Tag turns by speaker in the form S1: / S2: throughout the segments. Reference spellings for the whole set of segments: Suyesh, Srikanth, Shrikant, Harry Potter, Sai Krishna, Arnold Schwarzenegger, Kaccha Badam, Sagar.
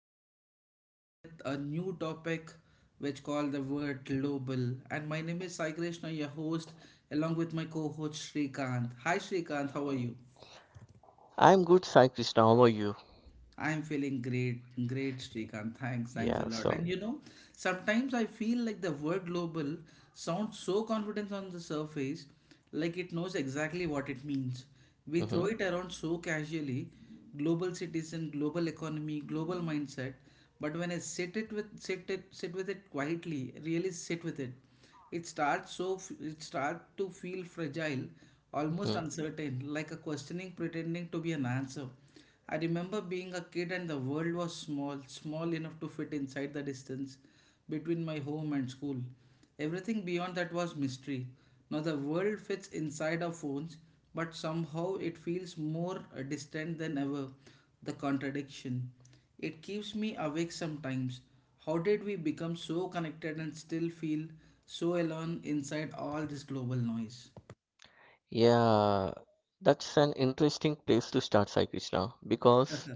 S1: today we are coming with a new topic which called the word global. And my name is Sai Krishna, your host, along with my co-host Shrikant. Hi Shrikant, how are you?
S2: I'm good, Sai Krishna. How are you?
S1: I'm feeling great, great, Srikanth. Thanks, thanks a
S2: Yeah,
S1: lot. And
S2: so,
S1: you know, sometimes I feel like the word global sounds so confident on the surface, like it knows exactly what it means. We
S2: hmm
S1: throw it around so casually, global citizen, global economy, global mindset. But when I sit with it quietly, really sit with it, it starts to feel fragile, almost
S2: hmm
S1: uncertain, like a questioning pretending to be an answer. I remember being a kid and the world was small, small enough to fit inside the distance between my home and school. Everything beyond that was mystery. Now the world fits inside our phones, but somehow it feels more distant than ever. The contradiction. It keeps me awake sometimes. How did we become so connected and still feel so alone inside all this global noise?
S2: Yeah, that's an interesting place to start, Sai Krishna, because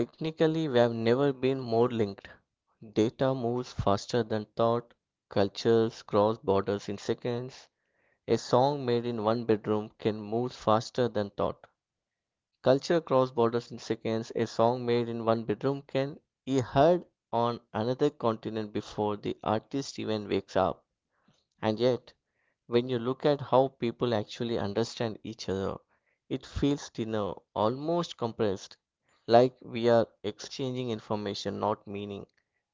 S2: technically we have never been more linked. Data moves faster than thought, cultures cross borders in seconds. A song made in one bedroom can move faster than thought. Culture cross borders in seconds. A song made in one bedroom can be heard on another continent before the artist even wakes up. And yet, when you look at how people actually understand each other, it feels thinner, almost compressed, like we are exchanging information, not meaning.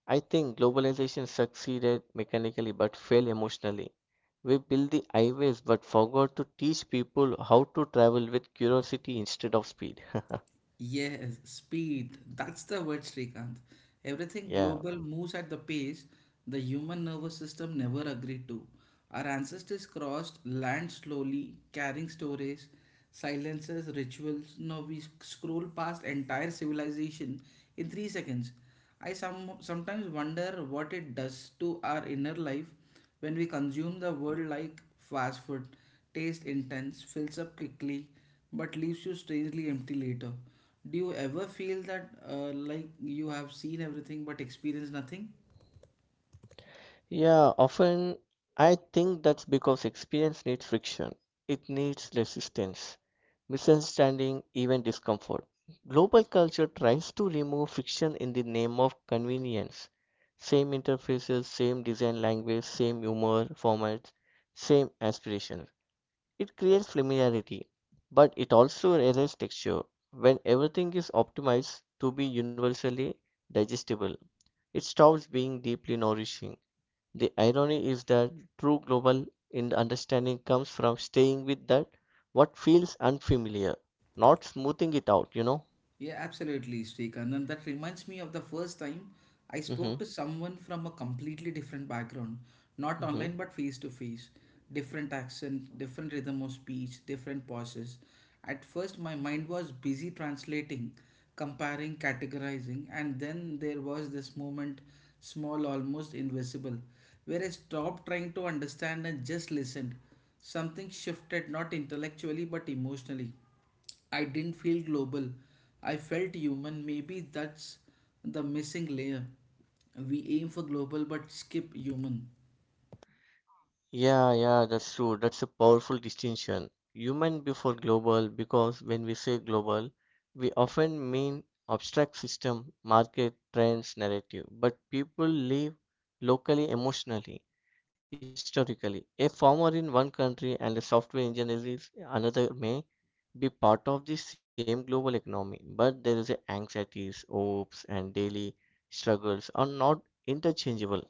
S2: I think globalization succeeded mechanically but failed emotionally. We built the highways but forgot to teach people how to travel with curiosity instead of speed.
S1: Yes, speed. That's the word, Srikanth. Everything
S2: Yeah.
S1: global moves at the pace the human nervous system never agreed to. Our ancestors crossed land slowly, carrying stories, silences, rituals. Now we scroll past entire civilization in 3 seconds. I sometimes wonder what it does to our inner life when we consume the world like fast food, taste intense, fills up quickly, but leaves you strangely empty later. Do you ever feel that, like you have seen everything but experienced nothing?
S2: Yeah, often I think that's because experience needs friction. It needs resistance, misunderstanding, even discomfort. Global culture tries to remove friction in the name of convenience. Same interfaces, same design language, same humor, formats, same aspirations. It creates familiarity, but it also erases texture. When everything is optimized to be universally digestible, it stops being deeply nourishing. The irony is that true global in understanding comes from staying with that what feels unfamiliar, not smoothing it out.
S1: Yeah, absolutely, Srikanth. And that reminds me of the first time I
S2: hmm
S1: spoke to someone from a completely different background, not
S2: hmm
S1: online but face to face. Different accent, different rhythm of speech, different pauses. At first, my mind was busy translating, comparing, categorizing, and then there was this moment, small, almost invisible, where I stopped trying to understand and just listened. Something shifted, not intellectually but emotionally. I didn't feel global. I felt human. Maybe that's the missing layer. We aim for global but skip human.
S2: Yeah, yeah, that's true. That's a powerful distinction. Human before global, because when we say global, we often mean abstract system, market, trends, narrative. But people live locally, emotionally, historically. A farmer in one country and a software engineer is another may be part of the same global economy, but there is a anxieties, hopes, and daily struggles are not interchangeable.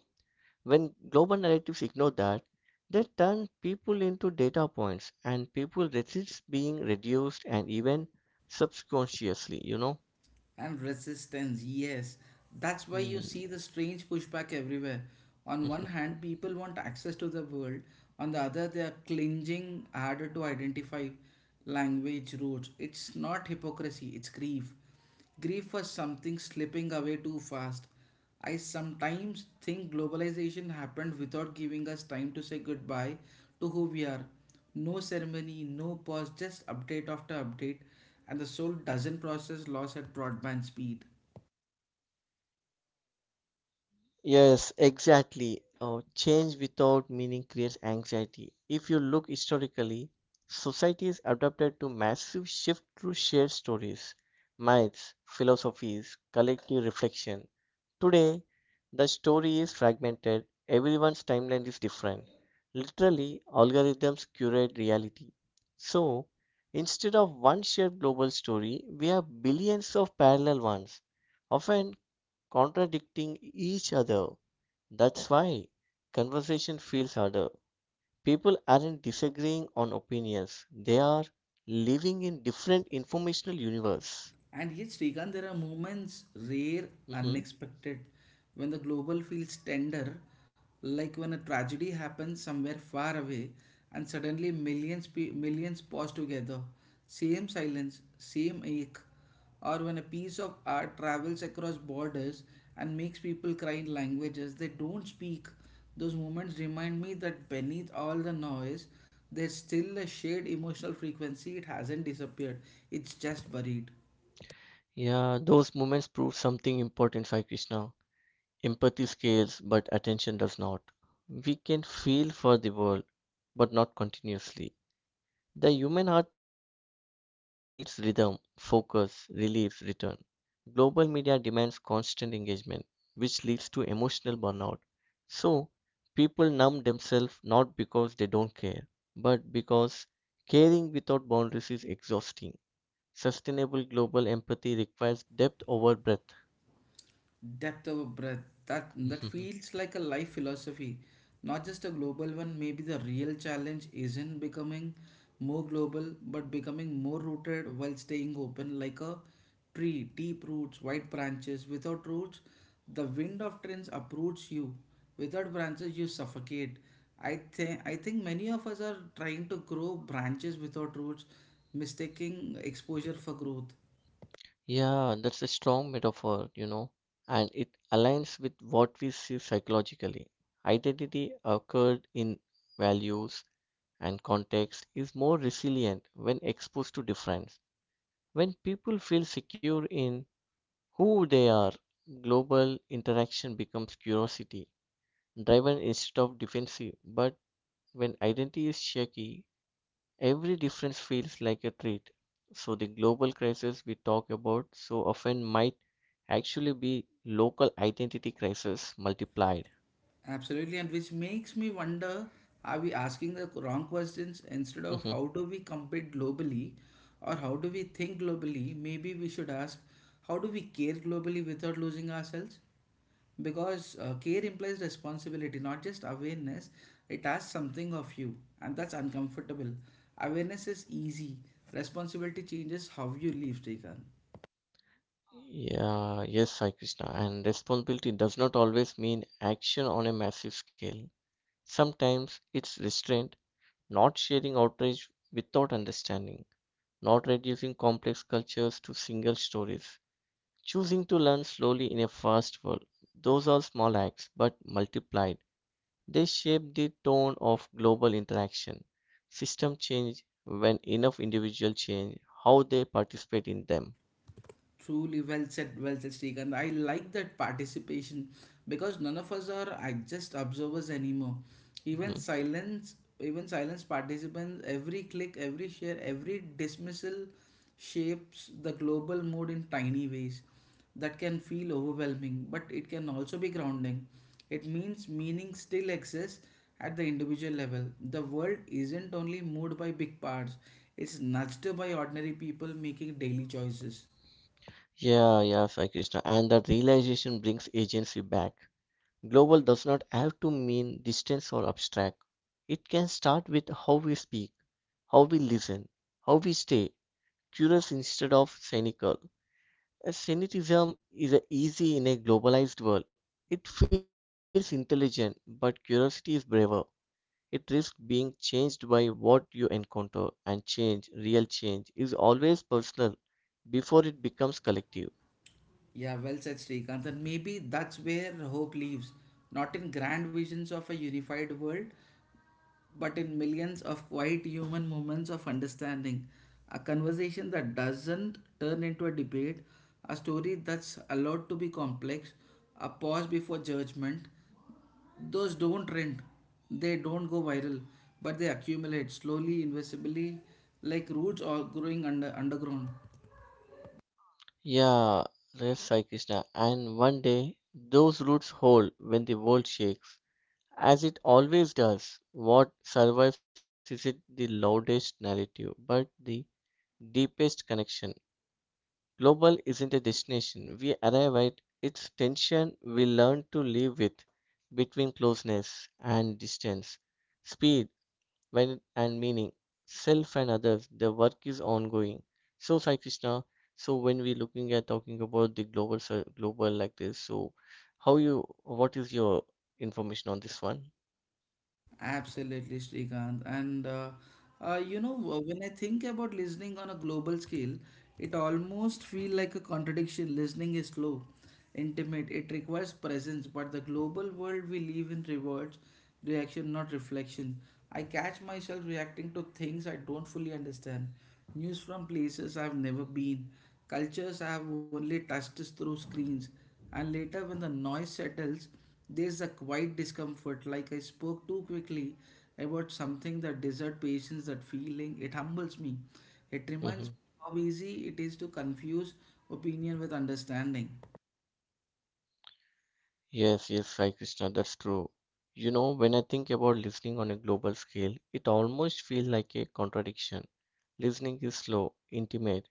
S2: When global narratives ignore that, they turn people into data points, and people resist being reduced and even subconsciously.
S1: And resistance, yes. That's why you
S2: Hmm.
S1: see the strange pushback everywhere. On one hand, people want access to the world, on the other, they are clinging harder to identify language roots. It's not hypocrisy, it's grief, grief for something slipping away too fast. I sometimes think globalization happened without giving us time to say goodbye to who we are. No ceremony, no pause, just update after update, and the soul doesn't process loss at broadband speed.
S2: Yes, exactly. Oh, change without meaning creates anxiety. If you look historically, societies adapted to massive shift through shared stories, myths, philosophies, collective reflection. Today, the story is fragmented, everyone's timeline is different. Literally, algorithms curate reality. So, instead of one shared global story, we have billions of parallel ones, often contradicting each other. That's why conversation feels harder. People aren't disagreeing on opinions, they are living in different informational universe.
S1: And yes, Srikanth, there are moments, rare,
S2: Mhm.
S1: unexpected, when the global feels tender, like when a tragedy happens somewhere far away, and suddenly millions pause together, same silence, same ache, or when a piece of art travels across borders and makes people cry in languages they don't speak. Those moments remind me that beneath all the noise, there's still a shared emotional frequency. It hasn't disappeared, it's just buried.
S2: Yeah, those moments prove something important, Sai Krishna. Empathy scales, but attention does not. We can feel for the world, but not continuously. The human heart needs rhythm, focus, release, return. Global media demands constant engagement, which leads to emotional burnout. So, people numb themselves not because they don't care, but because caring without boundaries is exhausting. Sustainable global empathy requires depth over breadth.
S1: Depth of breath. That that feels like a life philosophy, not just a global one. Maybe the real challenge isn't becoming more global, but becoming more rooted while staying open like a tree, deep roots, wide branches. Without roots, the wind of trends approaches you. Without branches, you suffocate. I think many of us are trying to grow branches without roots, mistaking exposure for growth.
S2: Yeah, that's a strong metaphor, and it aligns with what we see psychologically. Identity occurred in values and context is more resilient when exposed to difference. When people feel secure in who they are, global interaction becomes curiosity driven instead of defensive. But when identity is shaky, every difference feels like a threat. So the global crisis we talk about so often might actually be local identity crisis multiplied.
S1: Absolutely, and which makes me wonder, are we asking the wrong questions? Instead of
S2: Mhm.
S1: how do we compete globally or how do we think globally? Maybe we should ask, how do we care globally without losing ourselves? Because care implies responsibility, not just awareness, it asks something of you, and that's uncomfortable. Awareness is easy, responsibility changes how you live, Srikanth.
S2: yeah, yes, Sai Krishna. And responsibility does not always mean action on a massive scale. Sometimes it's restraint not sharing outrage without understanding, not reducing complex cultures to single stories, choosing to learn slowly in a fast world. Those are small acts, but multiplied, they shape the tone of global interaction. System change when enough individuals change how they participate in them.
S1: Truly well said, Srikanth. I like that participation because none of us are, just observers anymore.
S2: Mhm.
S1: Even silence participants, every click, every share, every dismissal shapes the global mood in tiny ways that can feel overwhelming, but it can also be grounding. It means meaning still exists at the individual level. The world isn't only moved by big parts, it's nudged by ordinary people making daily choices.
S2: Yeah, Sai Krishna. And that realization brings agency back. Global does not have to mean distant or abstract. It can start with how we speak, how we listen, how we stay curious instead of cynical. A cynicism is easy in a globalized world. It feels intelligent, but curiosity is braver. It risks being changed by what you encounter, and change, real change, is always personal before it becomes collective.
S1: Yeah, well said, Srikanth. And maybe that's where hope lives, not in grand visions of a unified world, but in millions of quiet human moments of understanding. A conversation that doesn't turn into a debate, a story that's allowed to be complex, a pause before judgment. Those don't trend, they don't go viral, but they accumulate slowly, invisibly, like roots or growing under underground.
S2: Yeah, yes, Sai Krishna. And one day, those roots hold when the world shakes, as it always does. What survives isn't the loudest narrative, but the deepest connection. Global isn't a destination. We arrive at its tension we learn to live with between closeness and distance, speed when and meaning, self and others. The work is ongoing. So Sai Krishna, so when we looking at talking about the global like this, so how you what is your information on this one?
S1: Absolutely, Srikanth. And you know, w- when I think about listening on a global scale, it almost feel like a contradiction. Listening is slow, intimate. It requires presence, but the global world we live in rewards reaction, not reflection. I catch myself reacting to things I don't fully understand, news from places I've never been, cultures I've only touched through screens. And later, when the noise settles, there's a quiet discomfort like I spoke too quickly about something that deserved patience, that feeling. It humbles me. It reminds
S2: hmm
S1: me how easy it is to confuse opinion with understanding.
S2: Yes, yes, Sai Krishna, that's true. You know, when I think about listening on a global scale, it almost feels like a contradiction. Listening is slow, intimate.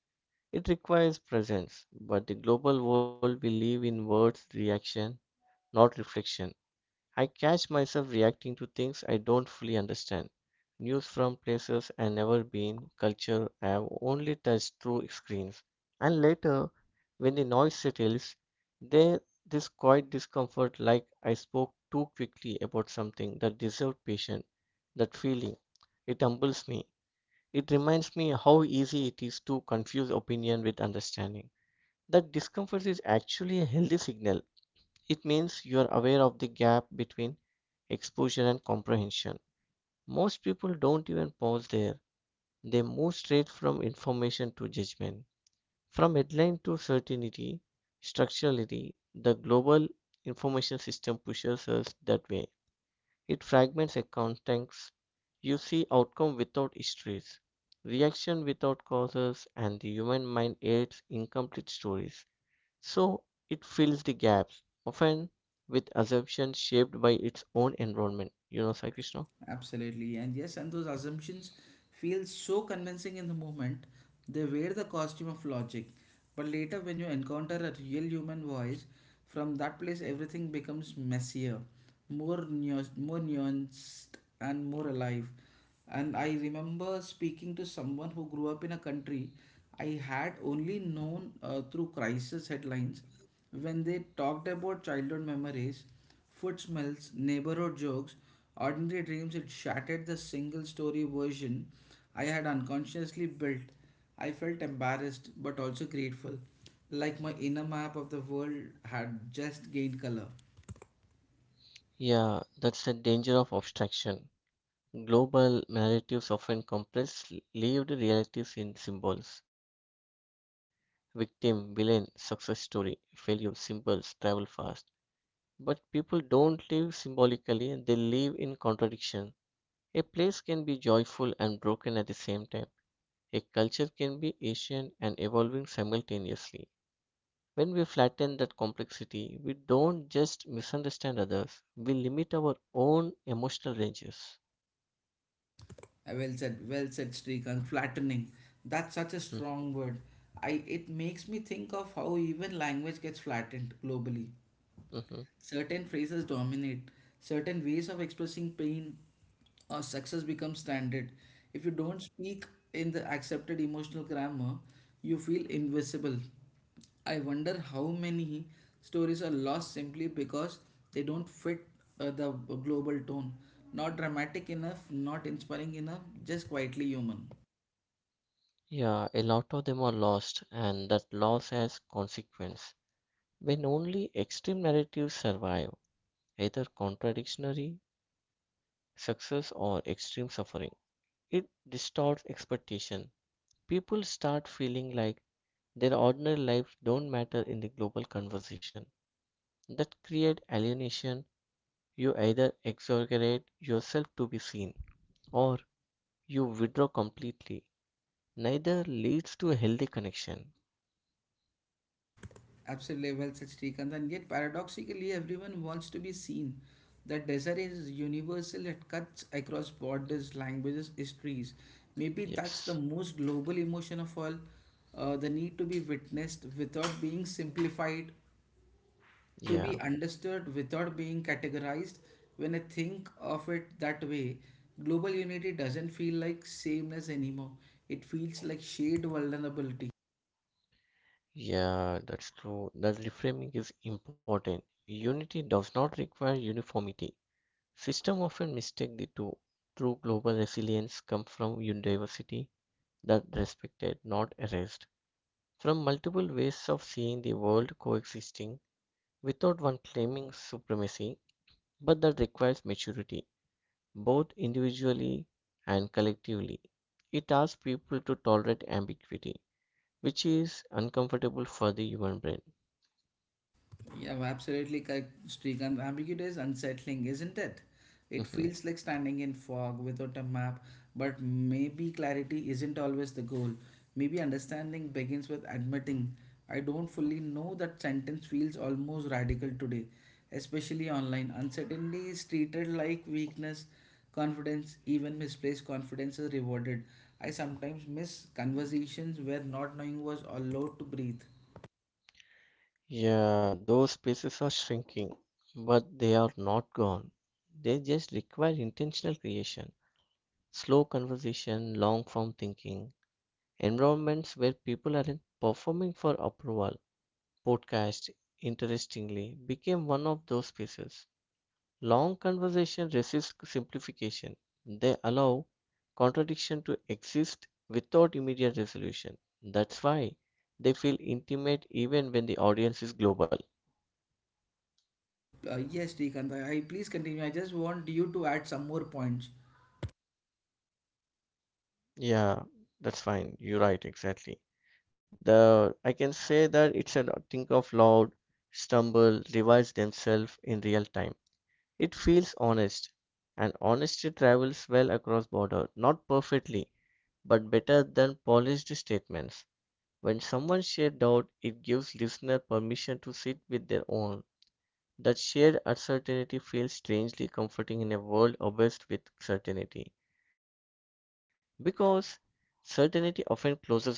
S2: It requires presence, but the global world we live in words reaction, not reflection. I catch myself reacting to things I don't fully understand. News from places I've never been, culture I've only touched through screens. And later, when the noise settles, there this quiet discomfort like I spoke too quickly about something that deserved patience, that feeling. It humbles me. It reminds me how easy it is to confuse opinion with understanding. That discomfort is actually a healthy signal it means you are aware of the gap between exposure and comprehension. Most people don't even pause there, they move straight from information to judgment, from headline to certainty. Structurally, the global information system pushes us that way. It fragments a context. You see outcome without histories, reaction without causes, and the human mind aids incomplete stories. So it fills the gaps, often with assumptions shaped by its own environment. Sai Krishna?
S1: Absolutely. And yes, and those assumptions feel so convincing in the moment, they wear the costume of logic. But later, when you encounter a real human voice, from that place, everything becomes messier, more nuanced, and more alive. And I remember speaking to someone who grew up in a country I had only known, through crisis headlines when they talked about childhood memories. Foot smells, neighborhood jokes, ordinary dreams, it shattered the single story version I had unconsciously built. I felt embarrassed but also grateful, like my inner map of the world had just gained color.
S2: Yeah, that's the danger of abstraction. Global narratives often compress lived realities in symbols. Victim, villain, success story, failure, symbols, travel fast. But people don't live symbolically, they live in contradiction. A place can be joyful and broken at the same time. A culture can be ancient and evolving simultaneously. When we flatten that complexity, we don't just misunderstand others, we limit our own emotional ranges.
S1: I well said, Srikant, flattening. That's such a
S2: Mhm,
S1: strong word. I, it makes me think of how even language gets flattened globally.
S2: mhm.
S1: Certain phrases dominate, certain ways of expressing pain or success become standard. If you don't speak in the accepted emotional grammar, you feel invisible. I wonder how many stories are lost simply because they don't fit, the global tone. Not dramatic enough, not inspiring enough, just quietly human.
S2: Yeah, a lot of them are lost, and that loss has consequence. When only extreme narratives survive, either contradictory success or extreme suffering, it distorts expectation. People start feeling like their ordinary lives don't matter in the global conversation. That creates alienation. You either exaggerate yourself to be seen or you withdraw completely. Neither leads to a healthy connection.
S1: Absolutely well said, Srikanth. And yet, paradoxically, everyone wants to be seen. That desire is universal, it cuts across borders, languages, histories. Maybe that's the
S2: Yes.
S1: most global emotion of all, the need to be witnessed without being simplified, to be
S2: Yeah.
S1: understood without being categorized. When I think of it that way, global unity doesn't feel like sameness anymore, it feels like shared vulnerability.
S2: Yeah, that's true. That reframing is important. Unity does not require uniformity. System often mistake the two. True global resilience comes from diversity that respected, not erased. From multiple ways of seeing the world coexisting without one claiming supremacy, but that requires maturity, both individually and collectively. It asks people to tolerate ambiguity, which is uncomfortable for the human brain.
S1: Yeah, well, absolutely correct, Srikanth. Ambiguity is unsettling, isn't it? It
S2: Mhm.
S1: feels like standing in fog without a map, but maybe clarity isn't always the goal. Maybe understanding begins with admitting, I don't fully know. That sentence feels almost radical today, especially online. Uncertainty is treated like weakness, confidence, even misplaced confidence is rewarded. I sometimes miss conversations where not knowing was allowed to breathe.
S2: Yeah, those spaces are shrinking, but they are not gone. They just require intentional creation, slow conversation, long form thinking, environments where people aren't performing for approval. Podcast, interestingly, became one of those spaces. Long conversations resist simplification. They allow contradiction to exist without immediate resolution. That's why they feel intimate even when the audience is global.
S1: Yes, Srikanth, I please continue. I just want you to add some more points.
S2: Yeah, that's fine. You're right, exactly. The I can say that it's a think of loud, stumble, revise themselves in real time. It feels honest, and honesty travels well across border, not perfectly, but better than polished statements. When someone shares doubt, it gives listener permission to sit with their own. That shared uncertainty feels strangely comforting in a world obsessed with certainty, because certainty often closes doors,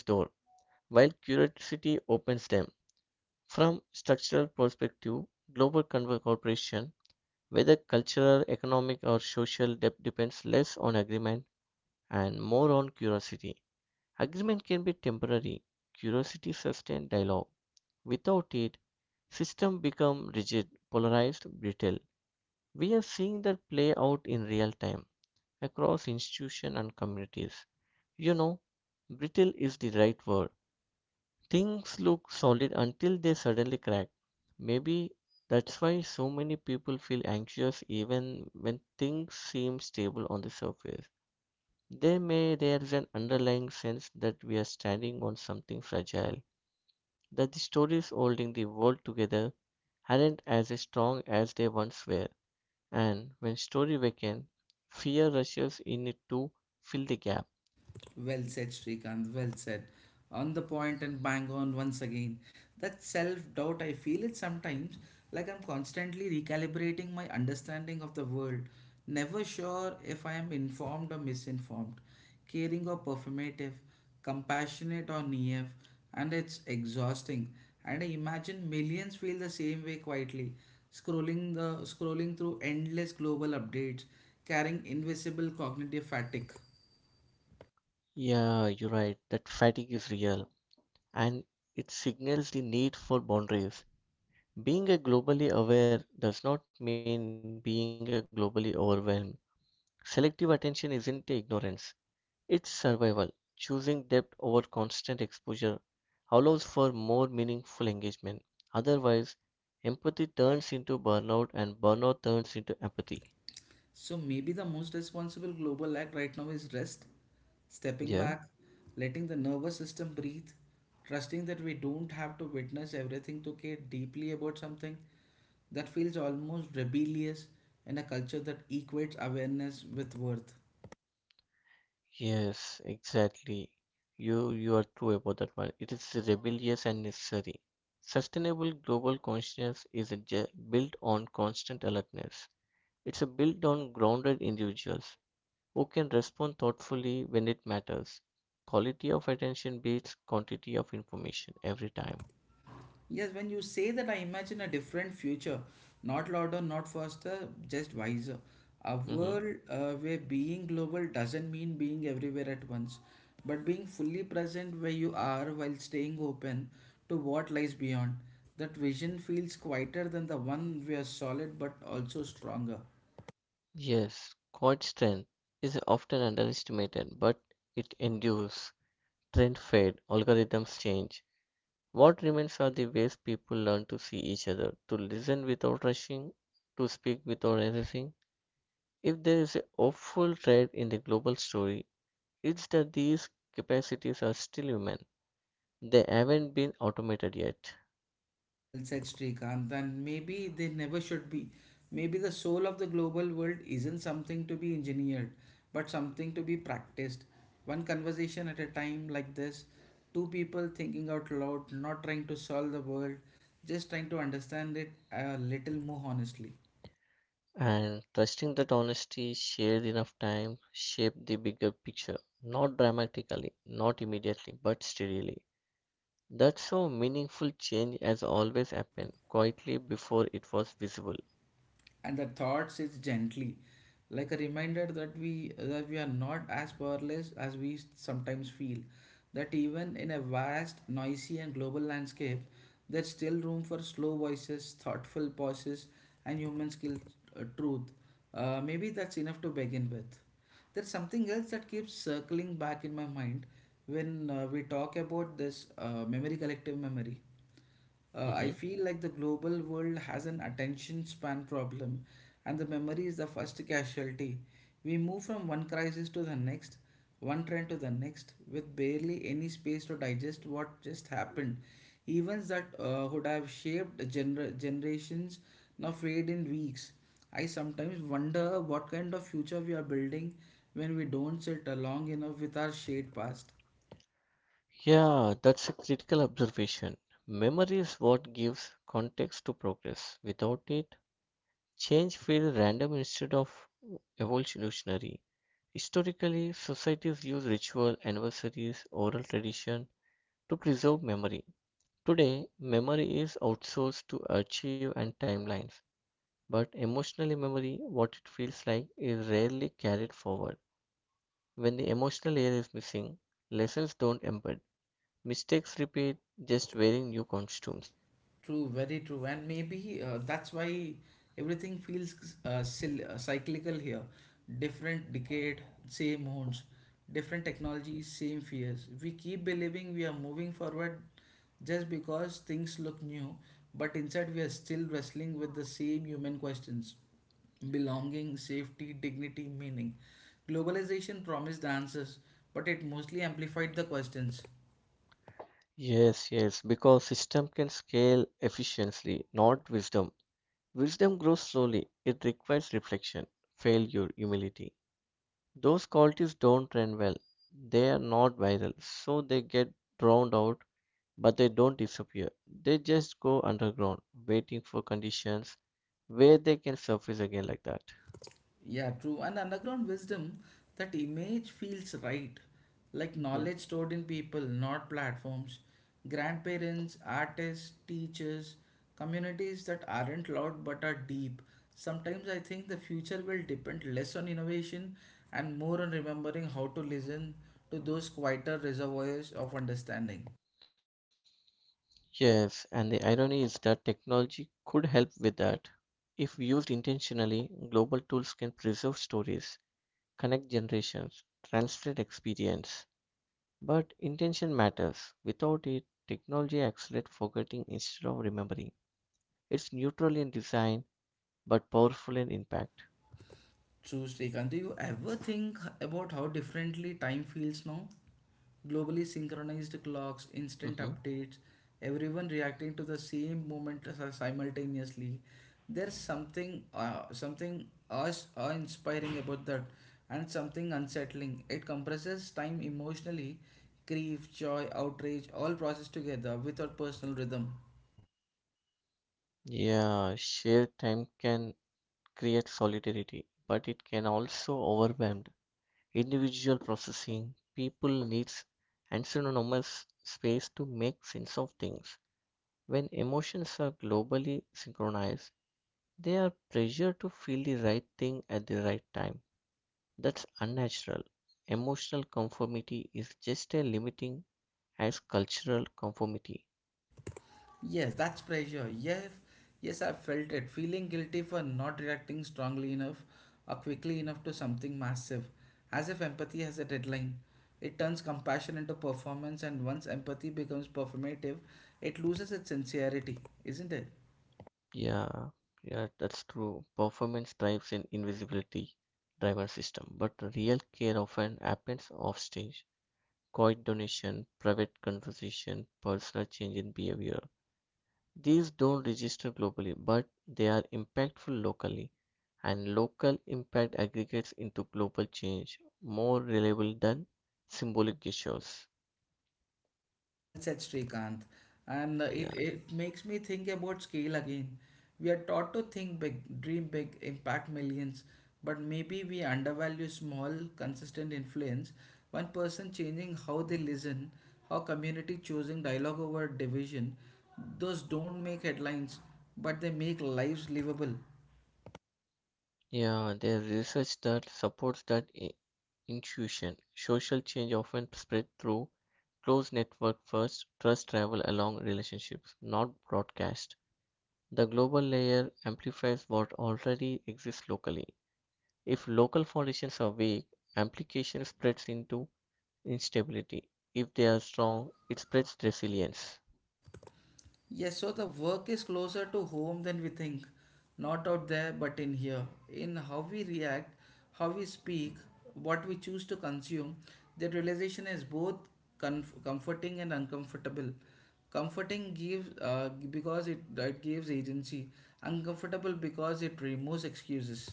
S2: while curiosity opens them. From structural perspective, global cooperation, whether cultural, economic, or social, depends less on agreement and more on curiosity. Agreement can be temporary; curiosity sustains dialogue. Without it, system become rigid, polarized, brittle. We are seeing that play out in real time across institutions and communities. You know, brittle is the right word. Things look solid until they suddenly crack. Maybe that's why so many people feel anxious even when things seem stable on the surface. They may there's an underlying sense that we are standing on something fragile that the stories holding the world together aren't as strong as they once were. And when story weaken, fear rushes in it to fill the gap.
S1: Well said, Srikanth. Well said. On the point and bang on once again. That self doubt, I feel it sometimes like I'm constantly recalibrating my understanding of the world, never sure if I am informed or misinformed, caring or performative, compassionate or naive, and it's exhausting. And I imagine millions feel the same way quietly, scrolling through endless global updates, carrying invisible cognitive fatigue.
S2: Yeah, you're right, that fatigue is real and it signals the need for boundaries. Being a globally aware does not mean being a globally overwhelmed. Selective attention isn't ignorance, it's survival, choosing depth over constant exposure allows for more meaningful engagement. Otherwise, empathy turns into burnout and burnout turns into apathy.
S1: So maybe the most responsible global act right now is rest, stepping
S2: Yeah.
S1: back, letting the nervous system breathe, trusting that we don't have to witness everything to care deeply about something, that feels almost rebellious in a culture that equates awareness with worth.
S2: Yes, exactly. You are true about that one. It is rebellious and necessary. Sustainable global consciousness is a built on constant alertness. It's a built on grounded individuals who can respond thoughtfully when it matters. Quality of attention beats quantity of information every time.
S1: Yes, when you say that, I imagine a different future, not louder, not faster, just wiser. A
S2: hmm
S1: world, where being global doesn't mean being everywhere at once, but being fully present where you are while staying open to what lies beyond. That vision feels quieter than the one we are solid but also stronger.
S2: Yes, quad strength is often underestimated, but it endures. Trend fade, algorithms change. What remains are the ways people learn to see each other, to listen without rushing, to speak without erasing. If there is a hopeful thread in the global story, it's that these capacities are still human. They haven't been automated yet.
S1: Well said, Srikanth. And maybe they never should be. Maybe the soul of the global world isn't something to be engineered, but something to be practiced. One conversation at a time like this, two people thinking out loud, not trying to solve the world, just trying to understand it a little more honestly.
S2: And trusting that honesty shared enough time shaped the bigger picture, not dramatically, not immediately, but steadily. That's so meaningful change has always happened, quietly before it was visible.
S1: And the thought sits gently, like a reminder that we are not as powerless as we sometimes feel. That even in a vast, noisy, and global landscape, there's still room for slow voices, thoughtful pauses, and human skill, truth. Maybe that's enough to begin with. There's something else that keeps circling back in my mind when, we talk about this, memory, collective memory. I
S2: Mhm.
S1: feel like the global world has an attention span problem, and the memory is the first casualty. We move from one crisis to the next, one trend to the next, with barely any space to digest what just happened. Events that would have shaped generations now fade in weeks. I sometimes wonder what kind of future we are building when we don't sit long enough with our shared past.
S2: Yeah, that's a critical observation. Memory is what gives context to progress. Without it, change feels random instead of evolutionary. Historically, societies use ritual, anniversaries, oral tradition to preserve memory. Today, memory is outsourced to archive and timelines, but emotional memory, what it feels like, is rarely carried forward. When the emotional layer is missing, lessons don't embed. Mistakes repeat, just wearing new costumes.
S1: True, very true. And maybe that's why everything feels cyclical here. Different decade, same wounds, different technologies, same fears. We keep believing we are moving forward just because things look new, but inside we are still wrestling with the same human questions: belonging, safety, dignity, meaning. Globalization promised answers, but it mostly amplified the questions.
S2: Yes, yes, because system can scale efficiently, not wisdom. Wisdom grows slowly. It requires reflection, failure, humility. Those qualities don't trend well. They are not viral, so they get drowned out. But they don't disappear, they just go underground, waiting for conditions where they can surface again like that.
S1: Yeah, true. And underground wisdom, that image feels right, like knowledge
S2: Mhm.
S1: stored in people, not platforms. Grandparents, artists, teachers, communities that aren't loud but are deep. Sometimes I think the future will depend less on innovation and more on remembering how to listen to those quieter reservoirs of understanding.
S2: Yes, and the irony is that technology could help with that. If used intentionally, global tools can preserve stories, connect generations, translate experience. But intention matters. Without it, technology accelerates forgetting instead of remembering. It's neutral in design, but powerful in impact.
S1: True, Srikanth, do you ever think about how differently time feels now? Globally synchronized clocks, instant
S2: Mhm.
S1: updates, everyone reacting to the same moment simultaneously. There's something, something awe-inspiring about that, and something unsettling. It compresses time emotionally, grief, joy, outrage, all processed together without personal rhythm.
S2: Yeah, shared time can create solidarity, but it can also overwhelm individual processing. People needs and synonymous space to make sense of things. When emotions are globally synchronized, they are pressured to feel the right thing at the right time. That's unnatural. Emotional conformity is just as limiting as cultural conformity.
S1: Yes, that's pressure. Yes, yes, I felt it. Feeling guilty for not reacting strongly enough or quickly enough to something massive, as if empathy has a deadline. It turns compassion into performance, and once empathy becomes performative, it loses its sincerity, isn't it?
S2: Yeah, yeah, that's true. Performance drives an invisibility driver system, but real care often happens off stage. Quiet donation, private conversation, personal change in behavior. These don't register globally, but they are impactful locally, and local impact aggregates into global change, more reliable than symbolic gestures.
S1: Well said, Srikanth. And uh,
S2: Yeah.
S1: it, it makes me think about scale again. We are taught to think big, dream big, impact millions, but maybe we undervalue small, consistent influence. One person changing how they listen, how community choosing dialogue over division. Those don't make headlines, but they make lives livable.
S2: Yeah, there's research that supports that intuition. Social change often spread through close network first, trust travel along relationships, not broadcast. The global layer amplifies what already exists locally. If local foundations are weak, amplification spreads into instability. If they are strong, it spreads resilience.
S1: Yes, so the work is closer to home than we think, not out there but in here. In how we react, how we speak, what we choose to consume, that realization is both comforting and uncomfortable. Comforting gives because it gives agency, uncomfortable because it removes excuses.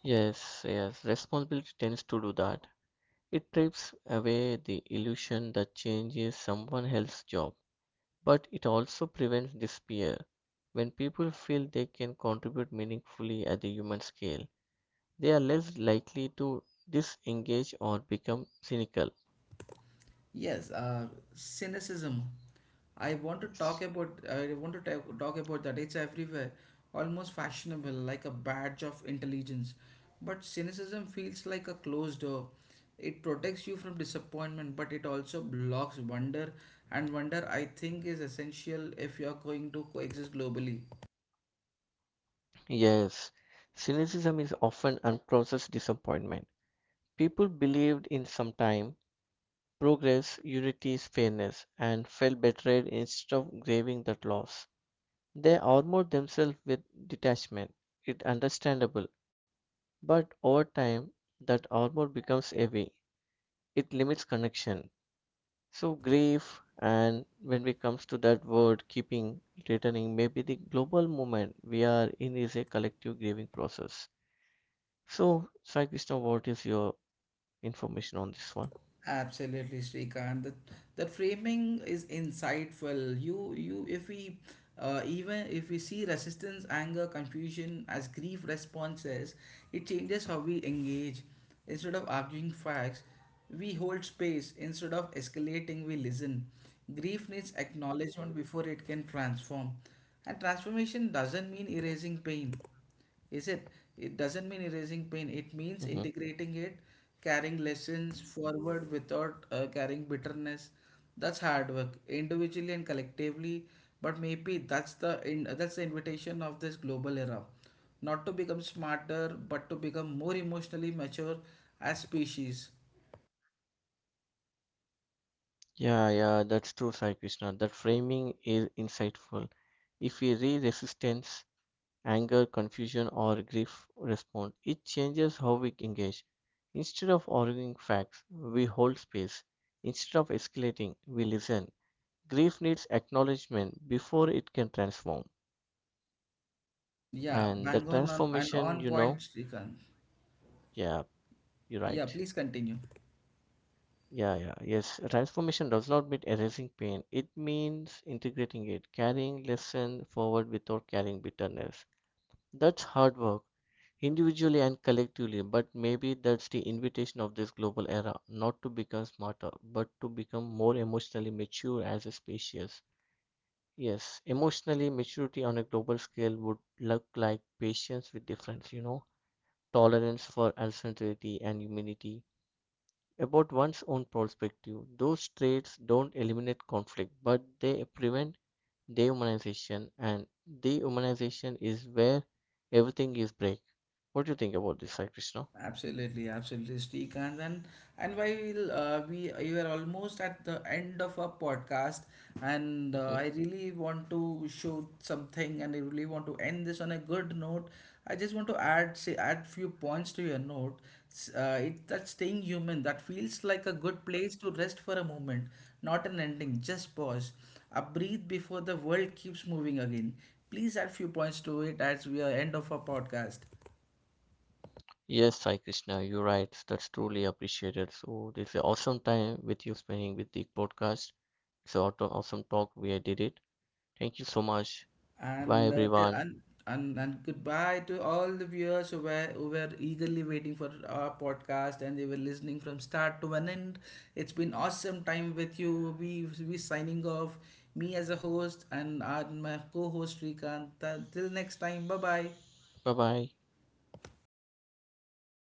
S2: Yes, yes, responsibility tends to do that. It strips away the illusion that change is someone else's job, but it also prevents despair. When people feel they can contribute meaningfully at the human scale, they are less likely to disengage or become cynical.
S1: Yes, cynicism. I want to talk
S2: Yes.
S1: about. I want to talk about that. It's everywhere, almost fashionable, like a badge of intelligence. But cynicism feels like a closed door. It protects you from disappointment, but it also blocks wonder. And wonder, I think, is essential if you are going to coexist globally.
S2: Yes. Cynicism is often unprocessed disappointment. People believed in some time, progress, unity, fairness, and felt betrayed instead of grieving that loss. They armored themselves with detachment. It's understandable, but over time, that armor becomes heavy, it limits connection. So grief, and when it comes to that word keeping returning, maybe the global moment we are in is a collective grieving process. So Sai Krishna, what is your information on this one?
S1: Absolutely, Srikant. That framing is insightful. You if we even if we see resistance, anger, confusion as grief responses, it changes how we engage. Instead of arguing facts, we hold space. Instead of escalating, we listen. Grief needs acknowledgement before it can transform, and transformation doesn't mean erasing pain. Is it? It doesn't mean erasing pain. It means
S2: Hmm.
S1: integrating it, carrying lessons forward without carrying bitterness. That's hard work, individually and collectively. But maybe that's that's the invitation of this global era, not to become smarter, but to become more emotionally mature as species.
S2: Yeah, yeah, that's true, Sai Krishna. That framing is insightful. If we re resistance, anger, confusion, or grief respond. It changes how we engage. Instead of arguing facts, we hold space. Instead of escalating, we listen. Grief needs acknowledgement before it can transform.
S1: Yeah,
S2: And the
S1: bang on and
S2: transformation,
S1: on
S2: you
S1: point,
S2: know,
S1: Srikanth.
S2: yeah, you're
S1: Yeah,
S2: right.
S1: please continue.
S2: Yeah, yeah, yes. Transformation does not mean erasing pain. It means integrating it, carrying lesson forward without carrying bitterness. That's hard work individually and collectively. But maybe that's the invitation of this global era, not to become smarter, but to become more emotionally mature as a species. Yes, emotionally maturity on a global scale would look like patience with difference, you know, tolerance for uncertainty and humility about one's own perspective. Those traits don't eliminate conflict, but they prevent dehumanization, and dehumanization is where everything is break. What do you think about this, Sai Krishna?
S1: Absolutely, absolutely, Srikanth. And while we you are almost at the end of our podcast, and
S2: Mhm.
S1: I really want to show something, and I really want to end this on a good note. I just want to add say add few points to your note. It's that staying human that feels like a good place to rest for a moment, not an ending. Just pause, a breathe before the world keeps moving again. Please add few points to it as we are end of our podcast.
S2: Yes, Sai Krishna, you're right. That's truly appreciated. So this is an awesome time with you spending with the podcast. It's an awesome talk. We I did it. Thank you so much. Bye
S1: And,
S2: everyone.
S1: and goodbye to all the viewers who were eagerly waiting for our podcast and they were listening from start to an end. It's been awesome time with you. We signing off. Me as a host and my co-host Srikanth. Till next time. Bye bye.
S2: Bye bye.